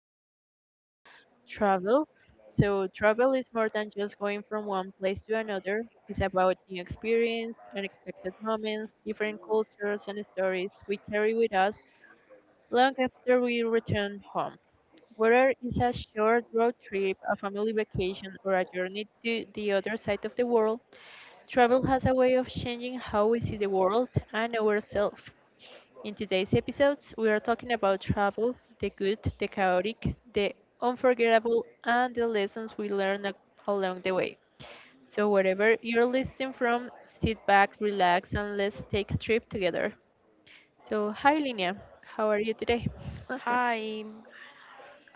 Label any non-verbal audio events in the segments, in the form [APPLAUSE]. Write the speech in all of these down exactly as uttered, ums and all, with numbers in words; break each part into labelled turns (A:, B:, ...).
A: is about travel. So, travel is more than just going from one place to another. It's about new experience, unexpected moments, different cultures, and stories we carry with us long after we return home. Whether it's a short road trip, a family vacation, or a journey to the other side of the world, travel has a way of changing how we see the world and ourselves. In today's episodes, we are talking about travel, the good, the chaotic, the unforgettable, and the lessons we learn a- along the way. So, wherever you're listening from, sit back, relax, and let's take a trip together. So, hi Lina, how are you today? [LAUGHS]
B: Hi,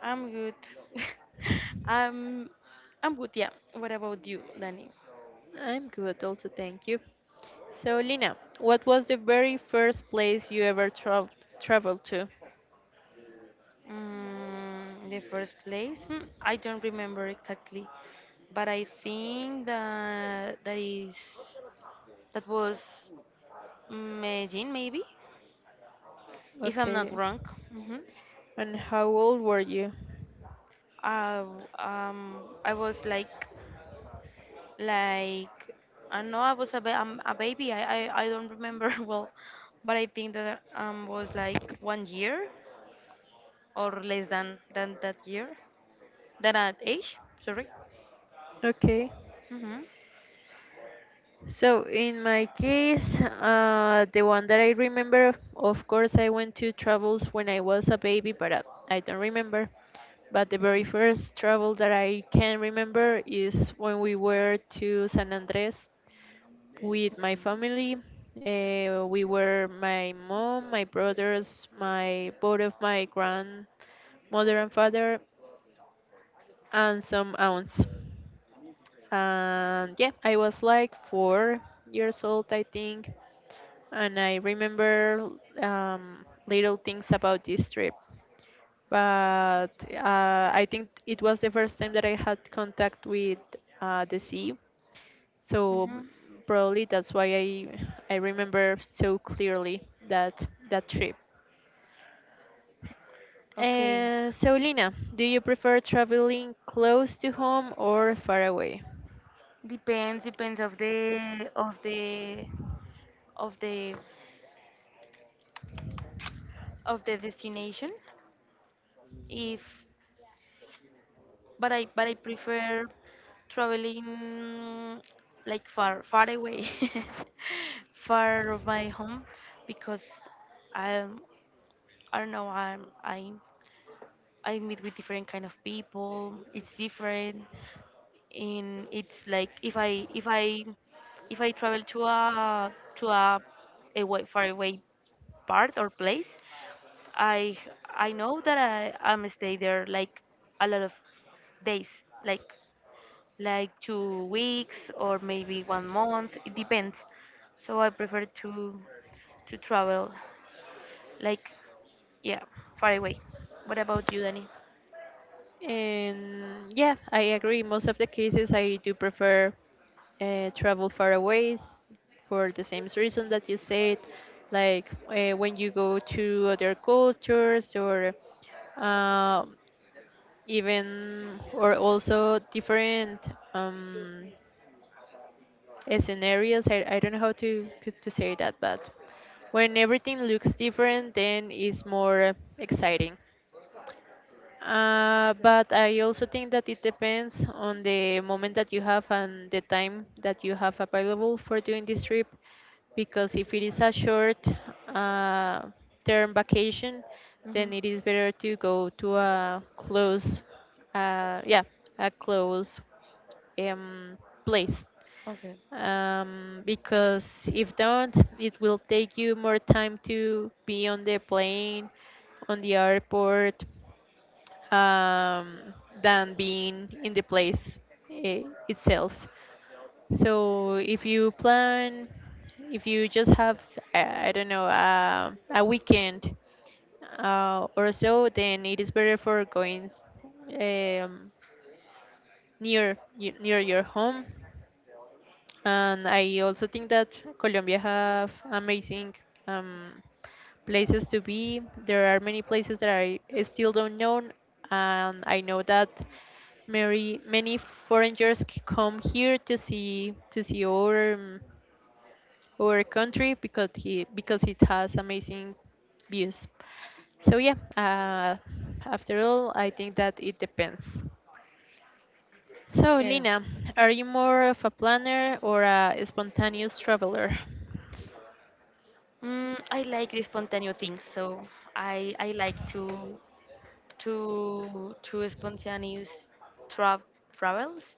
B: I'm good. [LAUGHS] I'm I'm good, yeah. What about you, Danny?
A: I'm good, also, thank you. So, Lina, what was the very first place you ever traveled traveled to?
B: Mm, the first place, Hmm, I don't remember exactly, but I think that that is that was Medellin, maybe, if I'm not
A: Okay.
B: wrong. Hmm.
A: And how old were you?
B: I w- um I was like, like I know I was a, ba- um, a baby. I, I I don't remember [LAUGHS] well, but I think that um was like one year or less than than that year, than that age. Sorry.
A: Okay.
B: Mm-hmm.
A: So in my case, uh, the one that I remember, of course, I went to travels when I was a baby, but uh, I don't remember. But the very first travel that I can remember is when we were to San Andres with my family. Uh, we were my mom, my brothers, my both of my grandmother and father, and some aunts. And yeah, I was like four years old, I think. And I remember um, little things about this trip. But uh, I think it was the first time that I had contact with uh, the sea. So
B: Mm-hmm.
A: probably that's why I I remember so clearly that that trip.
B: Okay.
A: Uh, so, Lina, do you prefer traveling close to home or far away?
B: Depends depends of the of the of the of the destination. If but I but I prefer traveling, like, far far away, [LAUGHS] far of my home, because I I don't know, I'm I I meet with different kind of people. It's different, and it's like if I if I if I travel to a to a away far away part or place, I I know that I I'm stay there like a lot of days, like like two weeks or maybe one month. It depends. So I prefer to to travel, like, yeah, far away. What about you, Danny?
A: And yeah, I agree. Most of the cases, I do prefer uh, travel far away for the same reason that you said, like uh, when you go to other cultures or um, even or also different um, uh, scenarios. I, I don't know how to c- to say that, but when everything looks different, then it's more exciting. Uh, but I also think that it depends on the moment that you have and the time that you have available for doing this trip. Because if it is a short uh, term vacation,
B: Hmm.
A: then it is better to go to a close, uh, yeah, a close um, place.
B: Okay.
A: Um, because if don't, it will take you more time to be on the plane, on the airport, um, than being in the place eh, itself. So if you plan, if you just have, I I don't know, uh, a weekend uh, or so, then it is better for going um, near y- near your home. And I also think that Colombia have amazing um, places to be. There are many places that I still don't know, and I know that many many foreigners c- come here to see to see our um, our country because he because it has amazing views. So yeah, uh, after all, I think that it depends. So, Lina, are you more of a planner or a spontaneous traveler?
B: Mm, I like the spontaneous things, so I I like to to to spontaneous tra- travels.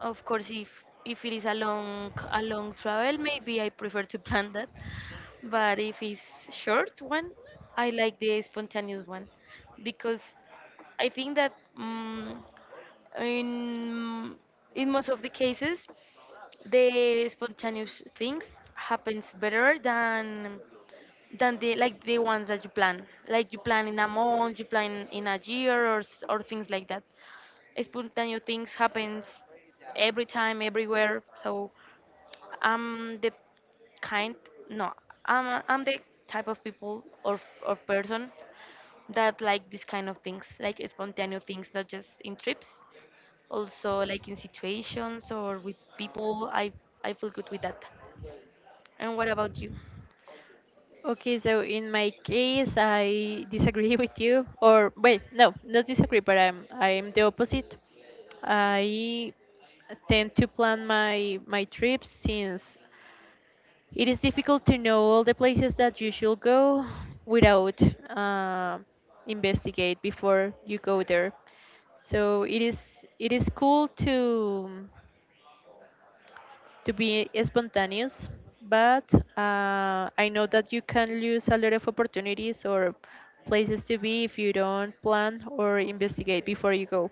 B: Of course, if if it is a long a long travel, maybe I prefer to [LAUGHS] plan that, but if it's short one, I like the spontaneous one because I think that, um, in in most of the cases, the spontaneous things happens better than than the, like, the ones that you plan. Like you plan in a month, you plan in a year, or s- or things like that. Spontaneous things happens every time, everywhere. So I'm the kind no, i'm i'm the type of people or or person that like this kind of things, like spontaneous things, not just in trips, also like in situations or with people. I i feel good with that. And what about you?
A: Okay, so in my case, I disagree [LAUGHS] with you. Or wait, no, not disagree, but I'm I'm the opposite. I tend to plan my my trips, since it is difficult to know all the places that you should go without uh, investigate before you go there. So it is it is cool to to be spontaneous, but uh, I know that you can lose a lot of opportunities or places to be if you don't plan or investigate before you go.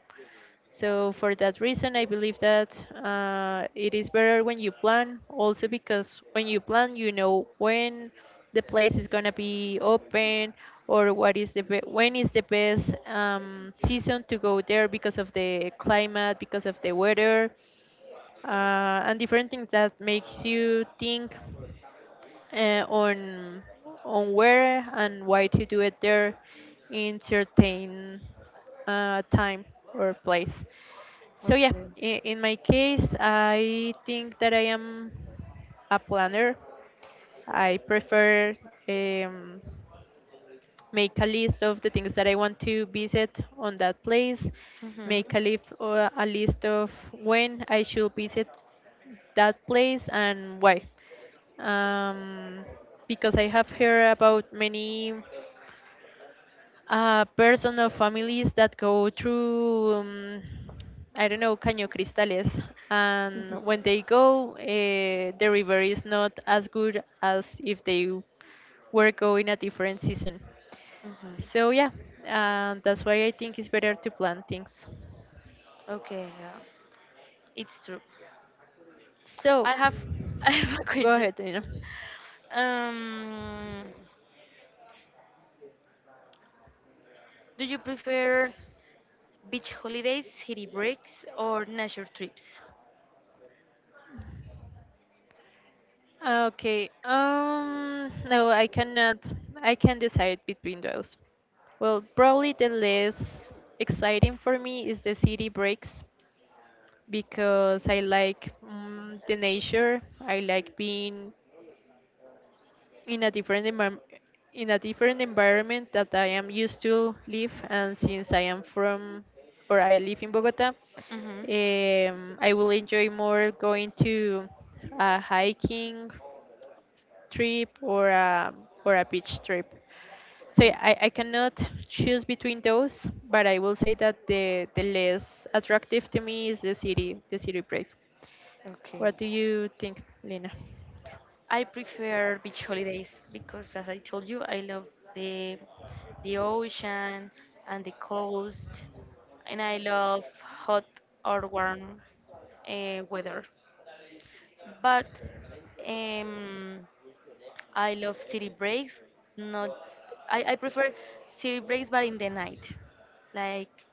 A: So for that reason, I believe that uh, it is better when you plan. Also, because when you plan, you know when the place is going to be open, or what is the be- when is the best um, season to go there, because of the climate, because of the weather, uh, and different things that makes you think uh, on on where and why to do it there in certain uh, time or place. So yeah, in, in my case, I think that I am a planner. I prefer um, make a list of the things that I want to visit on that place,
B: Hmm.
A: make a list or a list of when I should visit that place and why. Um, because I have heard about many uh, person of families that go through um, I don't know, Caño Cristales, and when they
B: Hmm.
A: go, uh, the river is not as good as if they were going a different season.
B: Hmm.
A: So yeah, uh, that's why I think it's better to plan things.
B: Okay, yeah, it's true.
A: So
B: I have [LAUGHS] I have a
A: go
B: question.
A: ahead, Dana.
B: Um, do you prefer beach holidays, city breaks, or nature trips?
A: Okay. Um. No, I cannot. I can decide between those. Well, probably the less exciting for me is the city breaks, because I like mm the nature. I like being in a different environment in a different environment that I am used to live, and since I am from or I live in Bogota,
B: Mm-hmm.
A: um, I will enjoy more going to a hiking trip or a or a beach trip. So
B: Yeah.
A: yeah, I, I cannot choose between those, but I will say that the the less attractive to me is the city the city break.
B: Okay.
A: What do you think, Lina?
B: I prefer beach holidays because, as I told you, I love the the ocean and the coast, and I love hot or warm uh, weather. But, um, I love city breaks. Not, I, I prefer city breaks, but in the night, like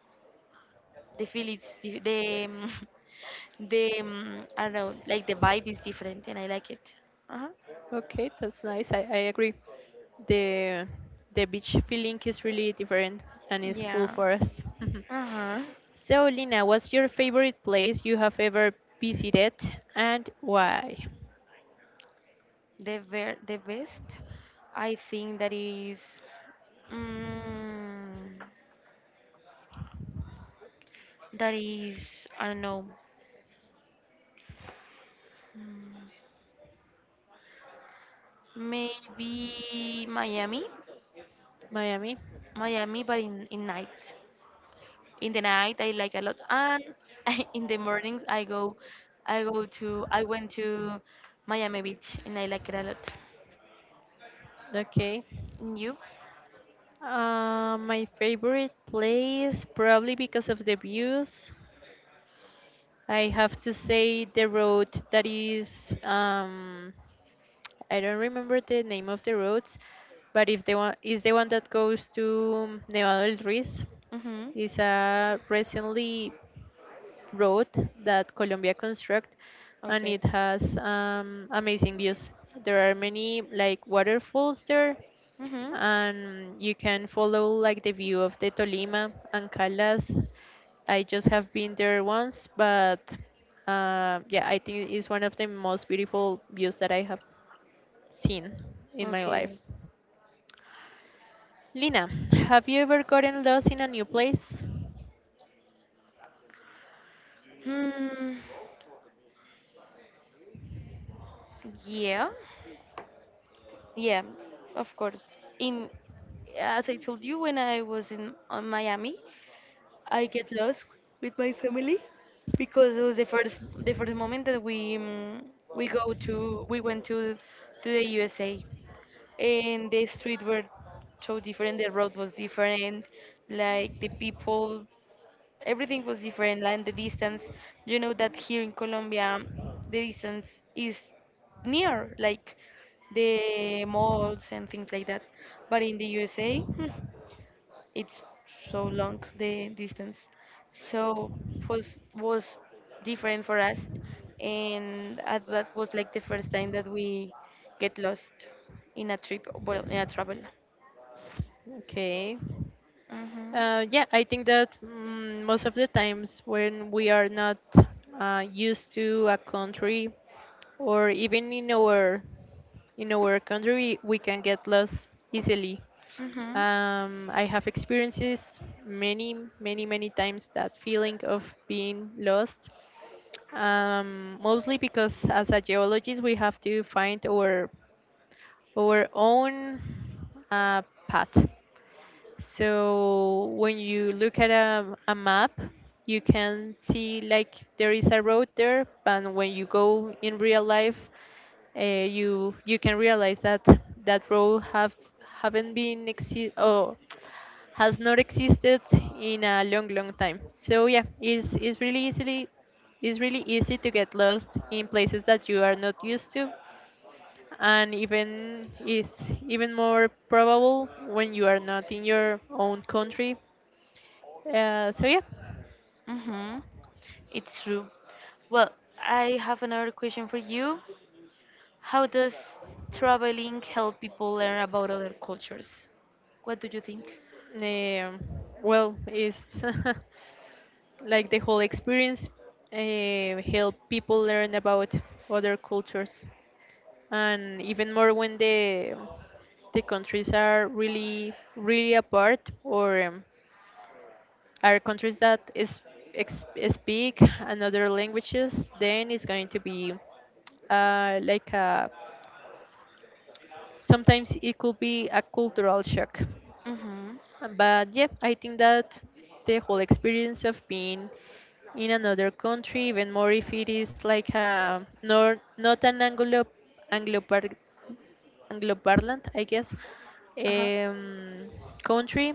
B: the feel is the the, um, [LAUGHS] the um, I don't know, like the vibe is different, and I like it. Uh-huh.
A: Okay, that's nice. I, I agree. The the beach feeling is really different, and it's cool
B: Yeah.
A: for us. [LAUGHS]
B: Uh-huh.
A: So, Lina, what's your favorite place you have ever visited and why?
B: The ver the best, I think that is, mm, that is I don't know. mm, Maybe Miami.
A: Miami.
B: Miami, but in, in night. In the night I like a lot, and [LAUGHS] in the mornings I go I go to I went to Miami Beach, and I like it a lot.
A: Okay.
B: And you?
A: Uh, my favorite place, probably because of the views. I have to say the road that is, um, I don't remember the name of the roads, but if the one is the one that goes to Nevado del Ruiz,
B: Mm-hmm.
A: is a recently road that Colombia construct, and
B: Okay.
A: it has um, amazing views. There are many like waterfalls there,
B: Mm-hmm.
A: and you can follow like the view of the Tolima and Caldas. I just have been there once, but uh, yeah, I think it's one of the most beautiful views that I have seen in my life.
B: Okay.
A: Lina, have you ever gotten lost in a new place?
B: Hmm. Yeah. Yeah. Of course. In As I told you, when I was in on Miami, I get lost with my family because it was the first the first moment that we um, we go to we went to to the U S A, and the street were so different, the road was different, like the people, everything was different, and the distance. You know that here in Colombia the distance is near, like the malls and things like that, but in the U S A [LAUGHS] it's so long, the distance. So was was different for us. And uh, that was like the first time that we get lost in a trip, well, in a travel.
A: Okay.
B: Hmm.
A: Uh, yeah, I think that, mm, most of the times when we are not uh, used to a country, or even in our in our country, we, we can get lost easily.
B: Hmm.
A: Um, I have experiences many, many, many times that feeling of being lost. Um, mostly because as a geologist, we have to find our our own uh, path. So when you look at a, a map, you can see like there is a road there, but when you go in real life, uh, you you can realize that that road have haven't been exi- or has not existed in a long long time. So yeah, it's it's really easily it's really easy to get lost in places that you are not used to, and even is even more probable when you are not in your own country. Uh, so yeah,
B: Hmm. It's true. Well, I have another question for you. How does traveling help people learn about other cultures? What do you think?
A: um, well, it's [LAUGHS] like the whole experience uh, help people learn about other cultures, and even more when the the countries are really really apart, or um, are countries that is, ex, speak another languages, then it's going to be uh, like a, sometimes it could be a cultural shock.
B: Hmm.
A: But yeah, I think that the whole experience of being in another country, even more if it is like a nor, not an Anglo Anglo Anglo-parlant, I guess,
B: Uh-huh.
A: um, country,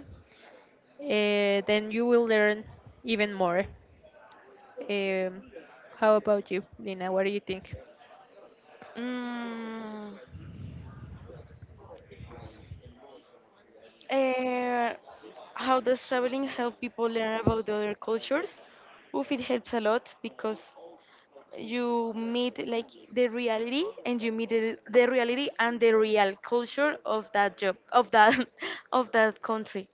A: uh, then you will learn even more. Um, how about you, Lina? What do you think?
B: mm, Uh, how does traveling help people learn about the other cultures? Oof, it helps a lot because you meet, like, the reality, and you meet the, the reality and the real culture of that job, of that [LAUGHS] of that country.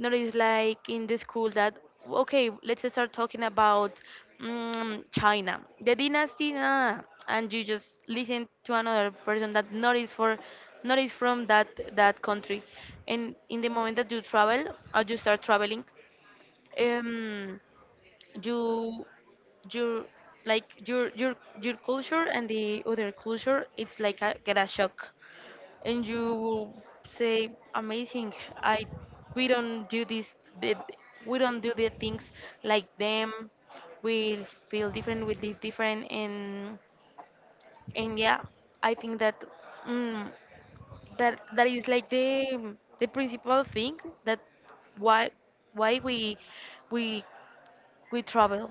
B: Not is like in the school that, okay, let's start talking about, mm, China, the dynasty, nah, and you just listen to another person that not is for, not is from that that country. And in the moment that you travel, or you start traveling, um you your, like, your your your culture and the other culture, it's like a, get a shock, and you say amazing. I We don't do this, the, we don't do the things like them, we feel different, we live different. And and yeah, I think that, mm, that that is like the the principal thing that, why why we we we travel: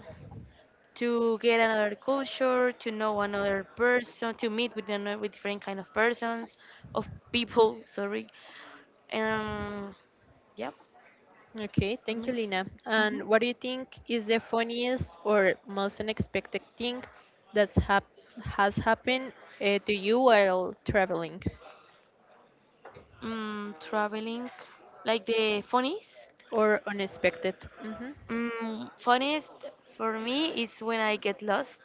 B: to get another culture, to know another person, to meet with another, with different kind of persons, of people. Sorry. Um. Yep.
A: Okay,
B: For
A: thank
B: me,
A: you,
B: it's-
A: Lina.
B: mhm.
A: And what do you think is the funniest or most unexpected thing that's hap has happened uh, to you while traveling,
B: Mm, traveling, like the funniest.
A: or unexpected? Hmm. [LAUGHS]
B: Mm, funniest for me is when I get lost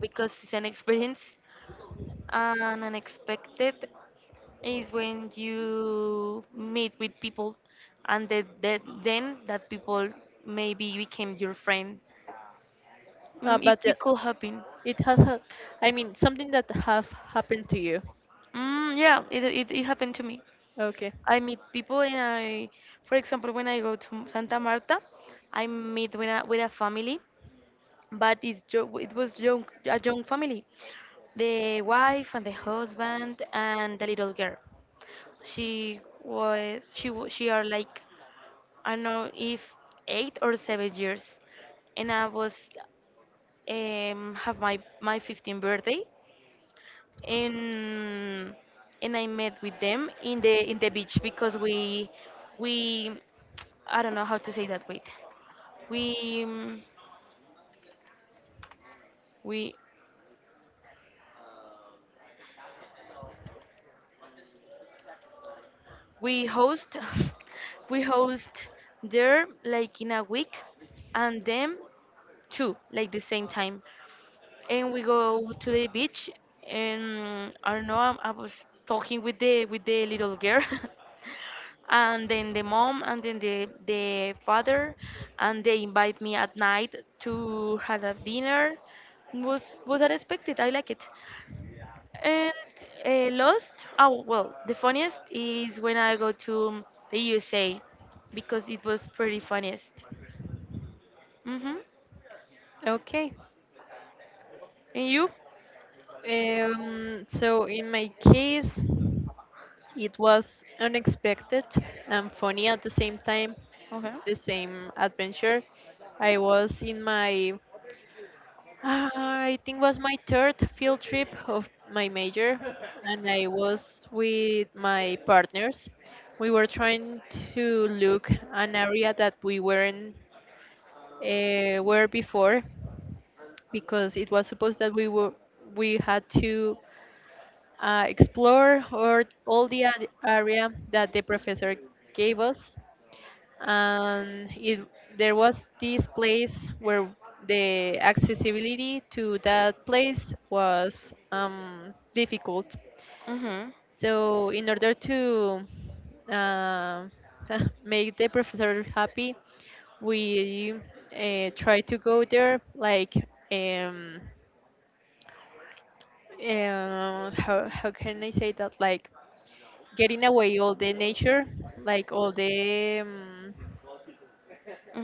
B: because it's an [LAUGHS] experience, and unexpected is when you meet with people, and that, that then that people maybe became your friend.
A: Uh,
B: Mm, it,
A: but uh,
B: it could happen.
A: it has, ha- I mean, something that have happened to you.
B: Mm, yeah, it, it, it happened to me.
A: Okay.
B: I meet people, and I, for example, when I go to Santa Marta, I meet with a, with a family, but it's jo- it was young, a young family. The wife and the husband and the little girl. She was, she, wa- She are like, I don't know if eight or seven years, and I was, um, have my my fifteenth birthday, and and I met with them in the in the beach because we we, I don't know how to say that. Wait, we, um, we we host [LAUGHS] we host there like in a week, and them too, like the same time. And we go to the beach, and I don't know, i I was talking with the with the little girl [LAUGHS] and then the mom and then the the father, and they invite me at night to have a dinner. Was was unexpected, I like it. And uh, lost, oh well, the funniest is when I go to the U S A because it was pretty funniest. Mhm.
A: Okay.
B: And you?
A: Um, so in my case, it was unexpected and funny at the same time,
B: Okay.
A: the same adventure. I was in my, ah, I think was my third field trip of my major, and I was with my partners. We were trying to look an area that we weren't uh, were before, because it was supposed that we were we had to uh, explore or all the ad- area that the professor gave us. And it there was this place where the accessibility to that place was um, difficult.
B: Mhm.
A: So in order to uh, [LAUGHS] make the professor happy, we uh, try to go there like, um, uh, how how can I say that, like getting away all the nature, like all the um,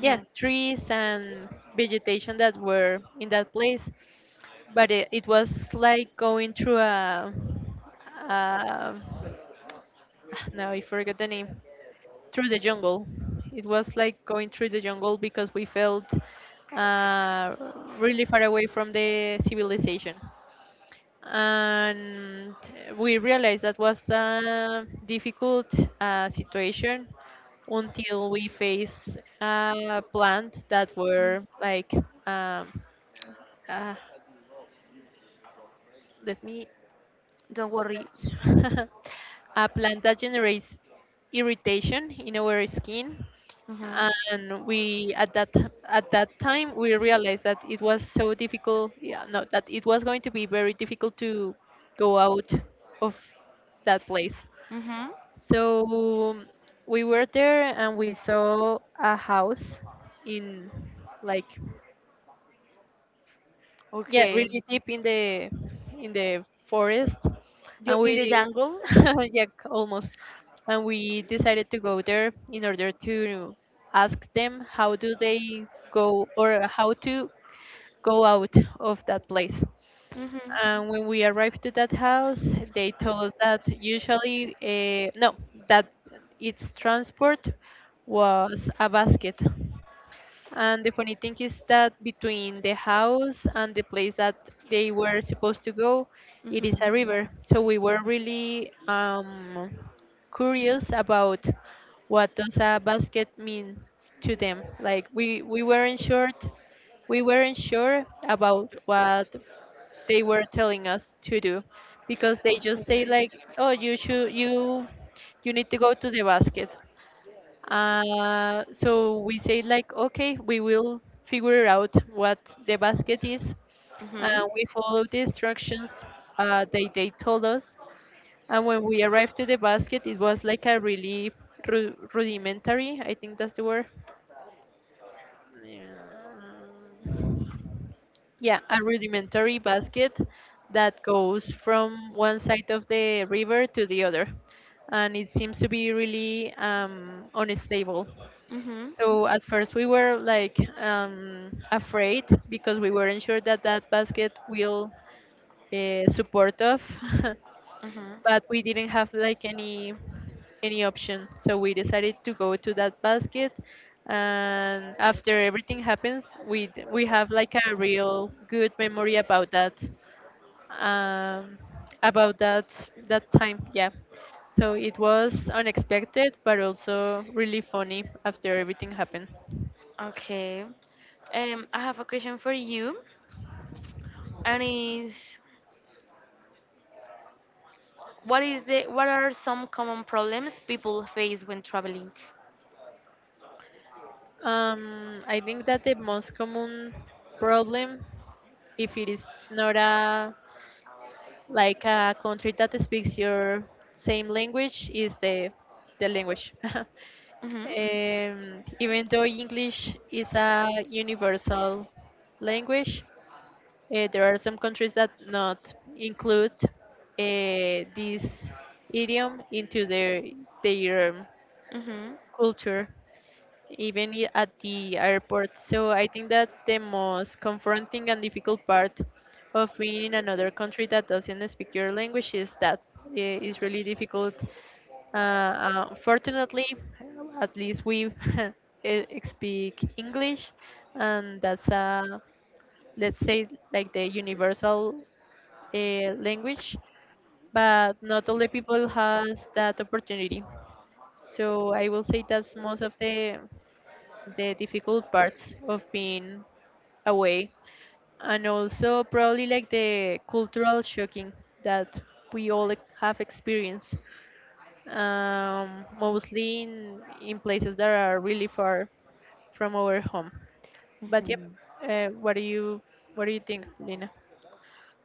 A: yeah, trees and vegetation that were in that place. But it, it was like going through a, a [SIGHS] now I forgot the name. Through the jungle. It was like going through the jungle because we felt uh, really far away from the civilization, and we realized that was a difficult uh, situation until we faced a plant that were like um, uh, let me
B: Don't worry.
A: [LAUGHS] a plant that generates irritation in our skin.
B: Mhm.
A: And we at that at that time we realized that it was so difficult yeah, no that it was going to be very difficult to go out of that place.
B: Mhm.
A: So we were there and we saw a house in, like, yeah,
B: Okay.
A: really deep in the in the forest.
B: You're
A: And
B: in the
A: we
B: jungle. [LAUGHS]
A: [LAUGHS] yeah, almost, and we decided to go there in order to ask them how do they go, or how to go out of that place.
B: Mhm.
A: And when we arrived to that house, they told us that usually uh, no that its transport was a basket. And the funny thing is that between the house and the place that they were supposed to go, it is
B: Mm.
A: a river. So we were really um, curious about what does a basket mean to them. Like, we, we weren't sure, we weren't sure about what they were telling us to do, because they
B: Mhm.
A: just
B: Okay.
A: say like, oh, you should you you need to go to the basket. Uh, so we say like, okay, we will figure out what the basket is.
B: Hmm.
A: And we follow the instructions uh, they, they told us. And when we arrived to the basket, it was like a really ru rudimentary, I think that's the word. Yeah, yeah, a rudimentary basket that goes from one side of the river to the other, and it seems to be really um, unstable.
B: Hmm.
A: So at first we were like, um, afraid, because we weren't sure that that basket will uh, support us.
B: Hmm.
A: [LAUGHS] But we didn't have like any any option. So we decided to go to that basket, and after everything happens, we d- we have like a real good memory about that um, about that that time. Yeah. So it was unexpected, but also really funny after everything happened.
B: Okay. Um, I have a question for you, and is, what is the what are some common problems people face when traveling?
A: Um, I think that the most common problem, if it is not a like a country that speaks your same language, is the the language. [LAUGHS] Um,
B: Mm-hmm.
A: even though English is a universal language, uh, there are some countries that not include uh, this idiom into their their culture, even i- at the airport. So I think that the most confronting and difficult part of being in another country that doesn't speak your language is that it is really difficult. Uh, uh, fortunately, at least we [LAUGHS] eh, speak English, and that's a, let's say, like the universal uh, language, but not all the people has that opportunity. So I will say that's most of the the difficult parts of being away, and also probably like the cultural shocking that we all ex- have experienced, um, mostly in, in places that are really far from our home. But yep,
B: Mm-hmm.
A: uh, what do you what do you think, Lina?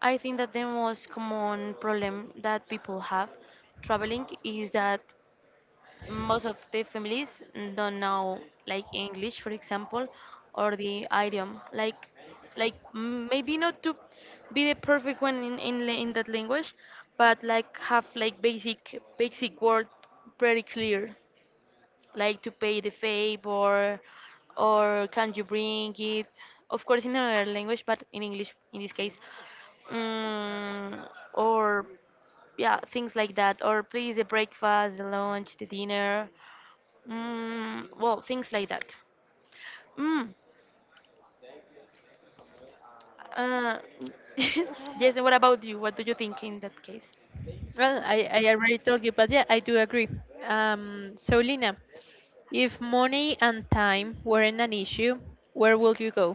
B: I think that the most common problem that people have traveling is that most of the families don't know, like, English, for example, or the idiom. Like, like m- maybe not to be the perfect one in in, la- in that language, but like have, like, basic basic word very clear, like to pay the favor, or can you bring it, of course in another language, but in English in this case. mm, or yeah, things like that, or please, the breakfast, the lunch, the dinner. Mm, well, things like that. mm, uh, [LAUGHS] yes. And what about you? What do you think in that case?
A: Well, i, I already told you, but yeah, I do agree. Um, so Lina, if money and time weren't an issue, where would you go?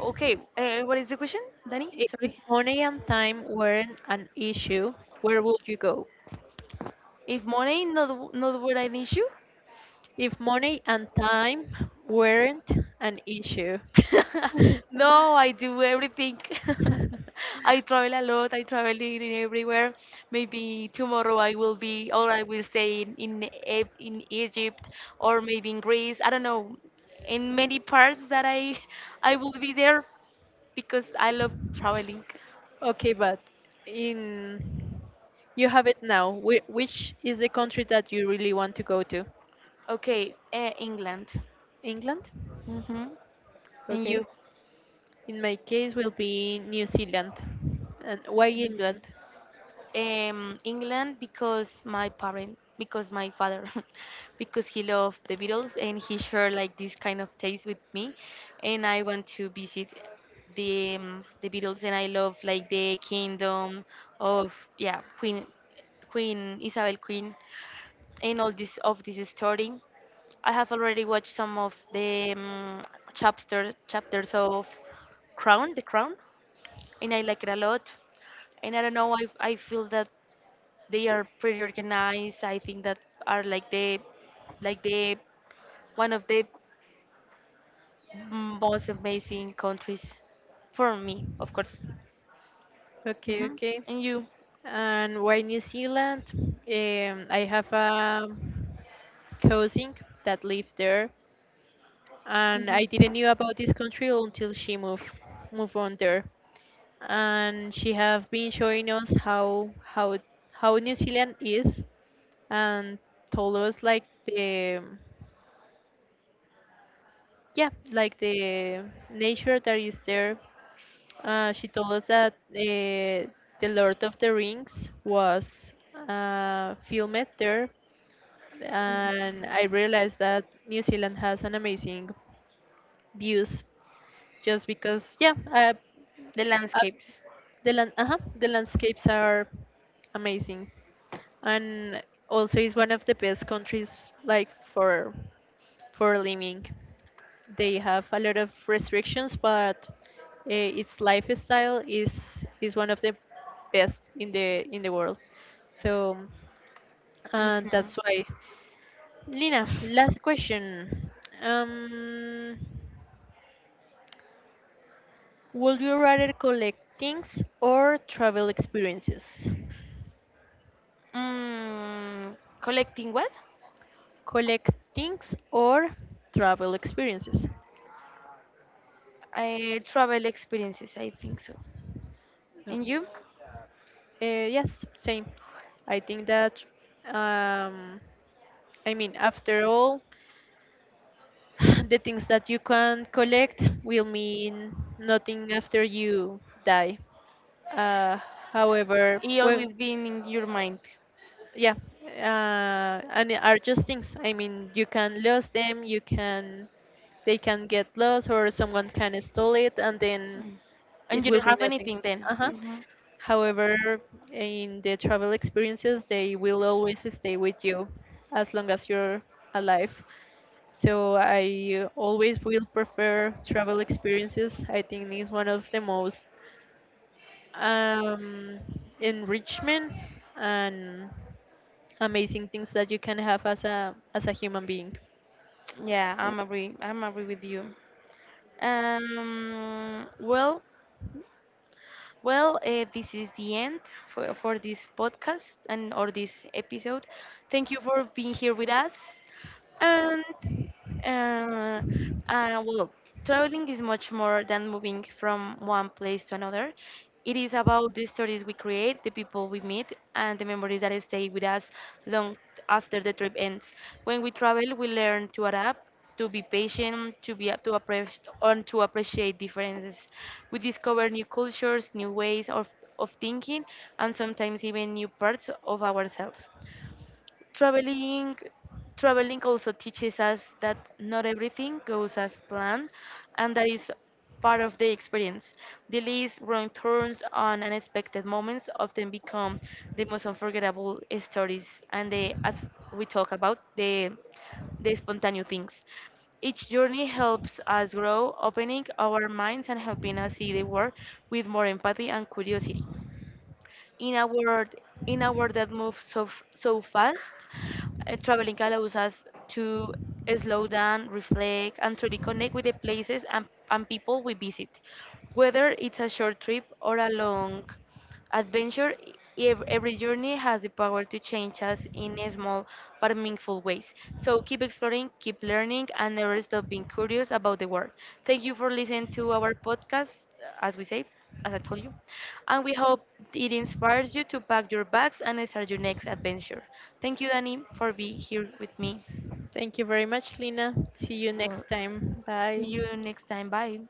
B: Okay, uh, what is the question, Danny?
A: I- If
B: Sorry.
A: money and time weren't an issue, where would you go?
B: If money not w- not were an issue.
A: If money and time weren't an issue.
B: [LAUGHS]
A: [LAUGHS]
B: No, I do everything. [LAUGHS] I travel a lot. I travel in in everywhere. Maybe tomorrow I will be, or I will stay in in, E- in Egypt, or maybe in Greece. I don't know. In many parts that I [LAUGHS] I will be there because I love traveling.
A: Okay, but in, you have it now. Whi- Which is the country that you really want to go to?
B: Okay, uh, England.
A: England?
B: Hmm. And
A: Okay.
B: you?
A: In my case, will be New Zealand. And why England?
B: um, England because my parent, because my father, [LAUGHS] because he loved the Beatles and he shared like this kind of taste with me, and I want to visit the, um, the Beatles, and I love like the kingdom of, yeah, Queen Queen Isabel, Queen and all this of this story. I have already watched some of the, um, chapter chapters of Crown, The Crown, and I like it a lot. And I don't know, I I feel that they are pretty organized. I think that are like the like the one of the most amazing countries for me, of course.
A: Okay,
B: Hmm.
A: okay.
B: And you?
A: And why New Zealand? Um, I have a cousin that lived there, and I
B: Mhm.
A: didn't knew about this country until she moved moved on there, and she have been showing us how how how New Zealand is, and told us like the yeah like the nature that is there. Uh, she told us that uh, The Lord of the Rings was uh, filmed there, and I realized that New Zealand has an amazing views, just because yeah, uh,
B: The
A: uh,
B: landscapes.
A: the land uh the landscapes are amazing. And also it's one of the best countries, like, for for living. They have a lot of restrictions, but uh, its lifestyle is is one of the best in the in the world. So uh,
B: Hmm.
A: that's why. Lina, last question. Um, would you rather collect things or travel experiences?
B: Mm, collecting what?
A: Collect things or travel experiences?
B: Uh, travel experiences, I think so.
A: No.
B: And you?
A: Uh, yes, same. I think that, um, I mean, after all, [SIGHS] the things that you can collect will mean nothing after you die. Uh, however,
B: It
A: when
B: always been in your mind.
A: yeah, uh, and it are just things, I mean, you can lose them, you can, they can get lost, or someone can steal it, and then
B: Mm.
A: it
B: And you
A: will
B: don't
A: be
B: have
A: nothing.
B: anything then.
A: Uh-huh.
B: Hmm.
A: However, in the travel experiences, they will always stay with you as long as you're alive. So I always will prefer travel experiences. I think it's one of the most um, enrichment and amazing things that you can have as a as a human being.
B: Yeah,
A: Yep.
B: I'm agree. I'm agree with you. Um, well, Well, uh, this is the end for, for this podcast, and or this episode. Thank you for being here with us. And uh, uh, well, traveling is much more than moving from one place to another. It is about the stories we create, the people we meet, and the memories that stay with us long after the trip ends. When we travel, we learn to adapt, to be patient, to be to appreciate and to appreciate differences. We discover new cultures, new ways of, of thinking, and sometimes even new parts of ourselves. traveling Traveling also teaches us that not everything goes as planned, and that is part of the experience. Delays, wrong turns, and unexpected moments often become the most unforgettable stories. And the as we talk about the the spontaneous things, each journey helps us grow, opening our minds and helping us see the world with more empathy and curiosity. in a world in a world that moves so f- so fast, uh, traveling allows us to slow down, reflect, and to reconnect with the places and, and people we visit, whether it's a short trip or a long adventure. E-, ev- every journey has the power to change us in a small but meaningful ways. So keep exploring, keep learning, and never stop being curious about the world. Thank you for listening to our podcast, uh, as we say, as I told you. And we hope it inspires you to pack your bags and start your next adventure. Thank you, Danny, for being here with me.
A: Thank you very much, Lina. See you
B: Well,
A: next time.
B: see
A: Bye.
B: you next time. Bye.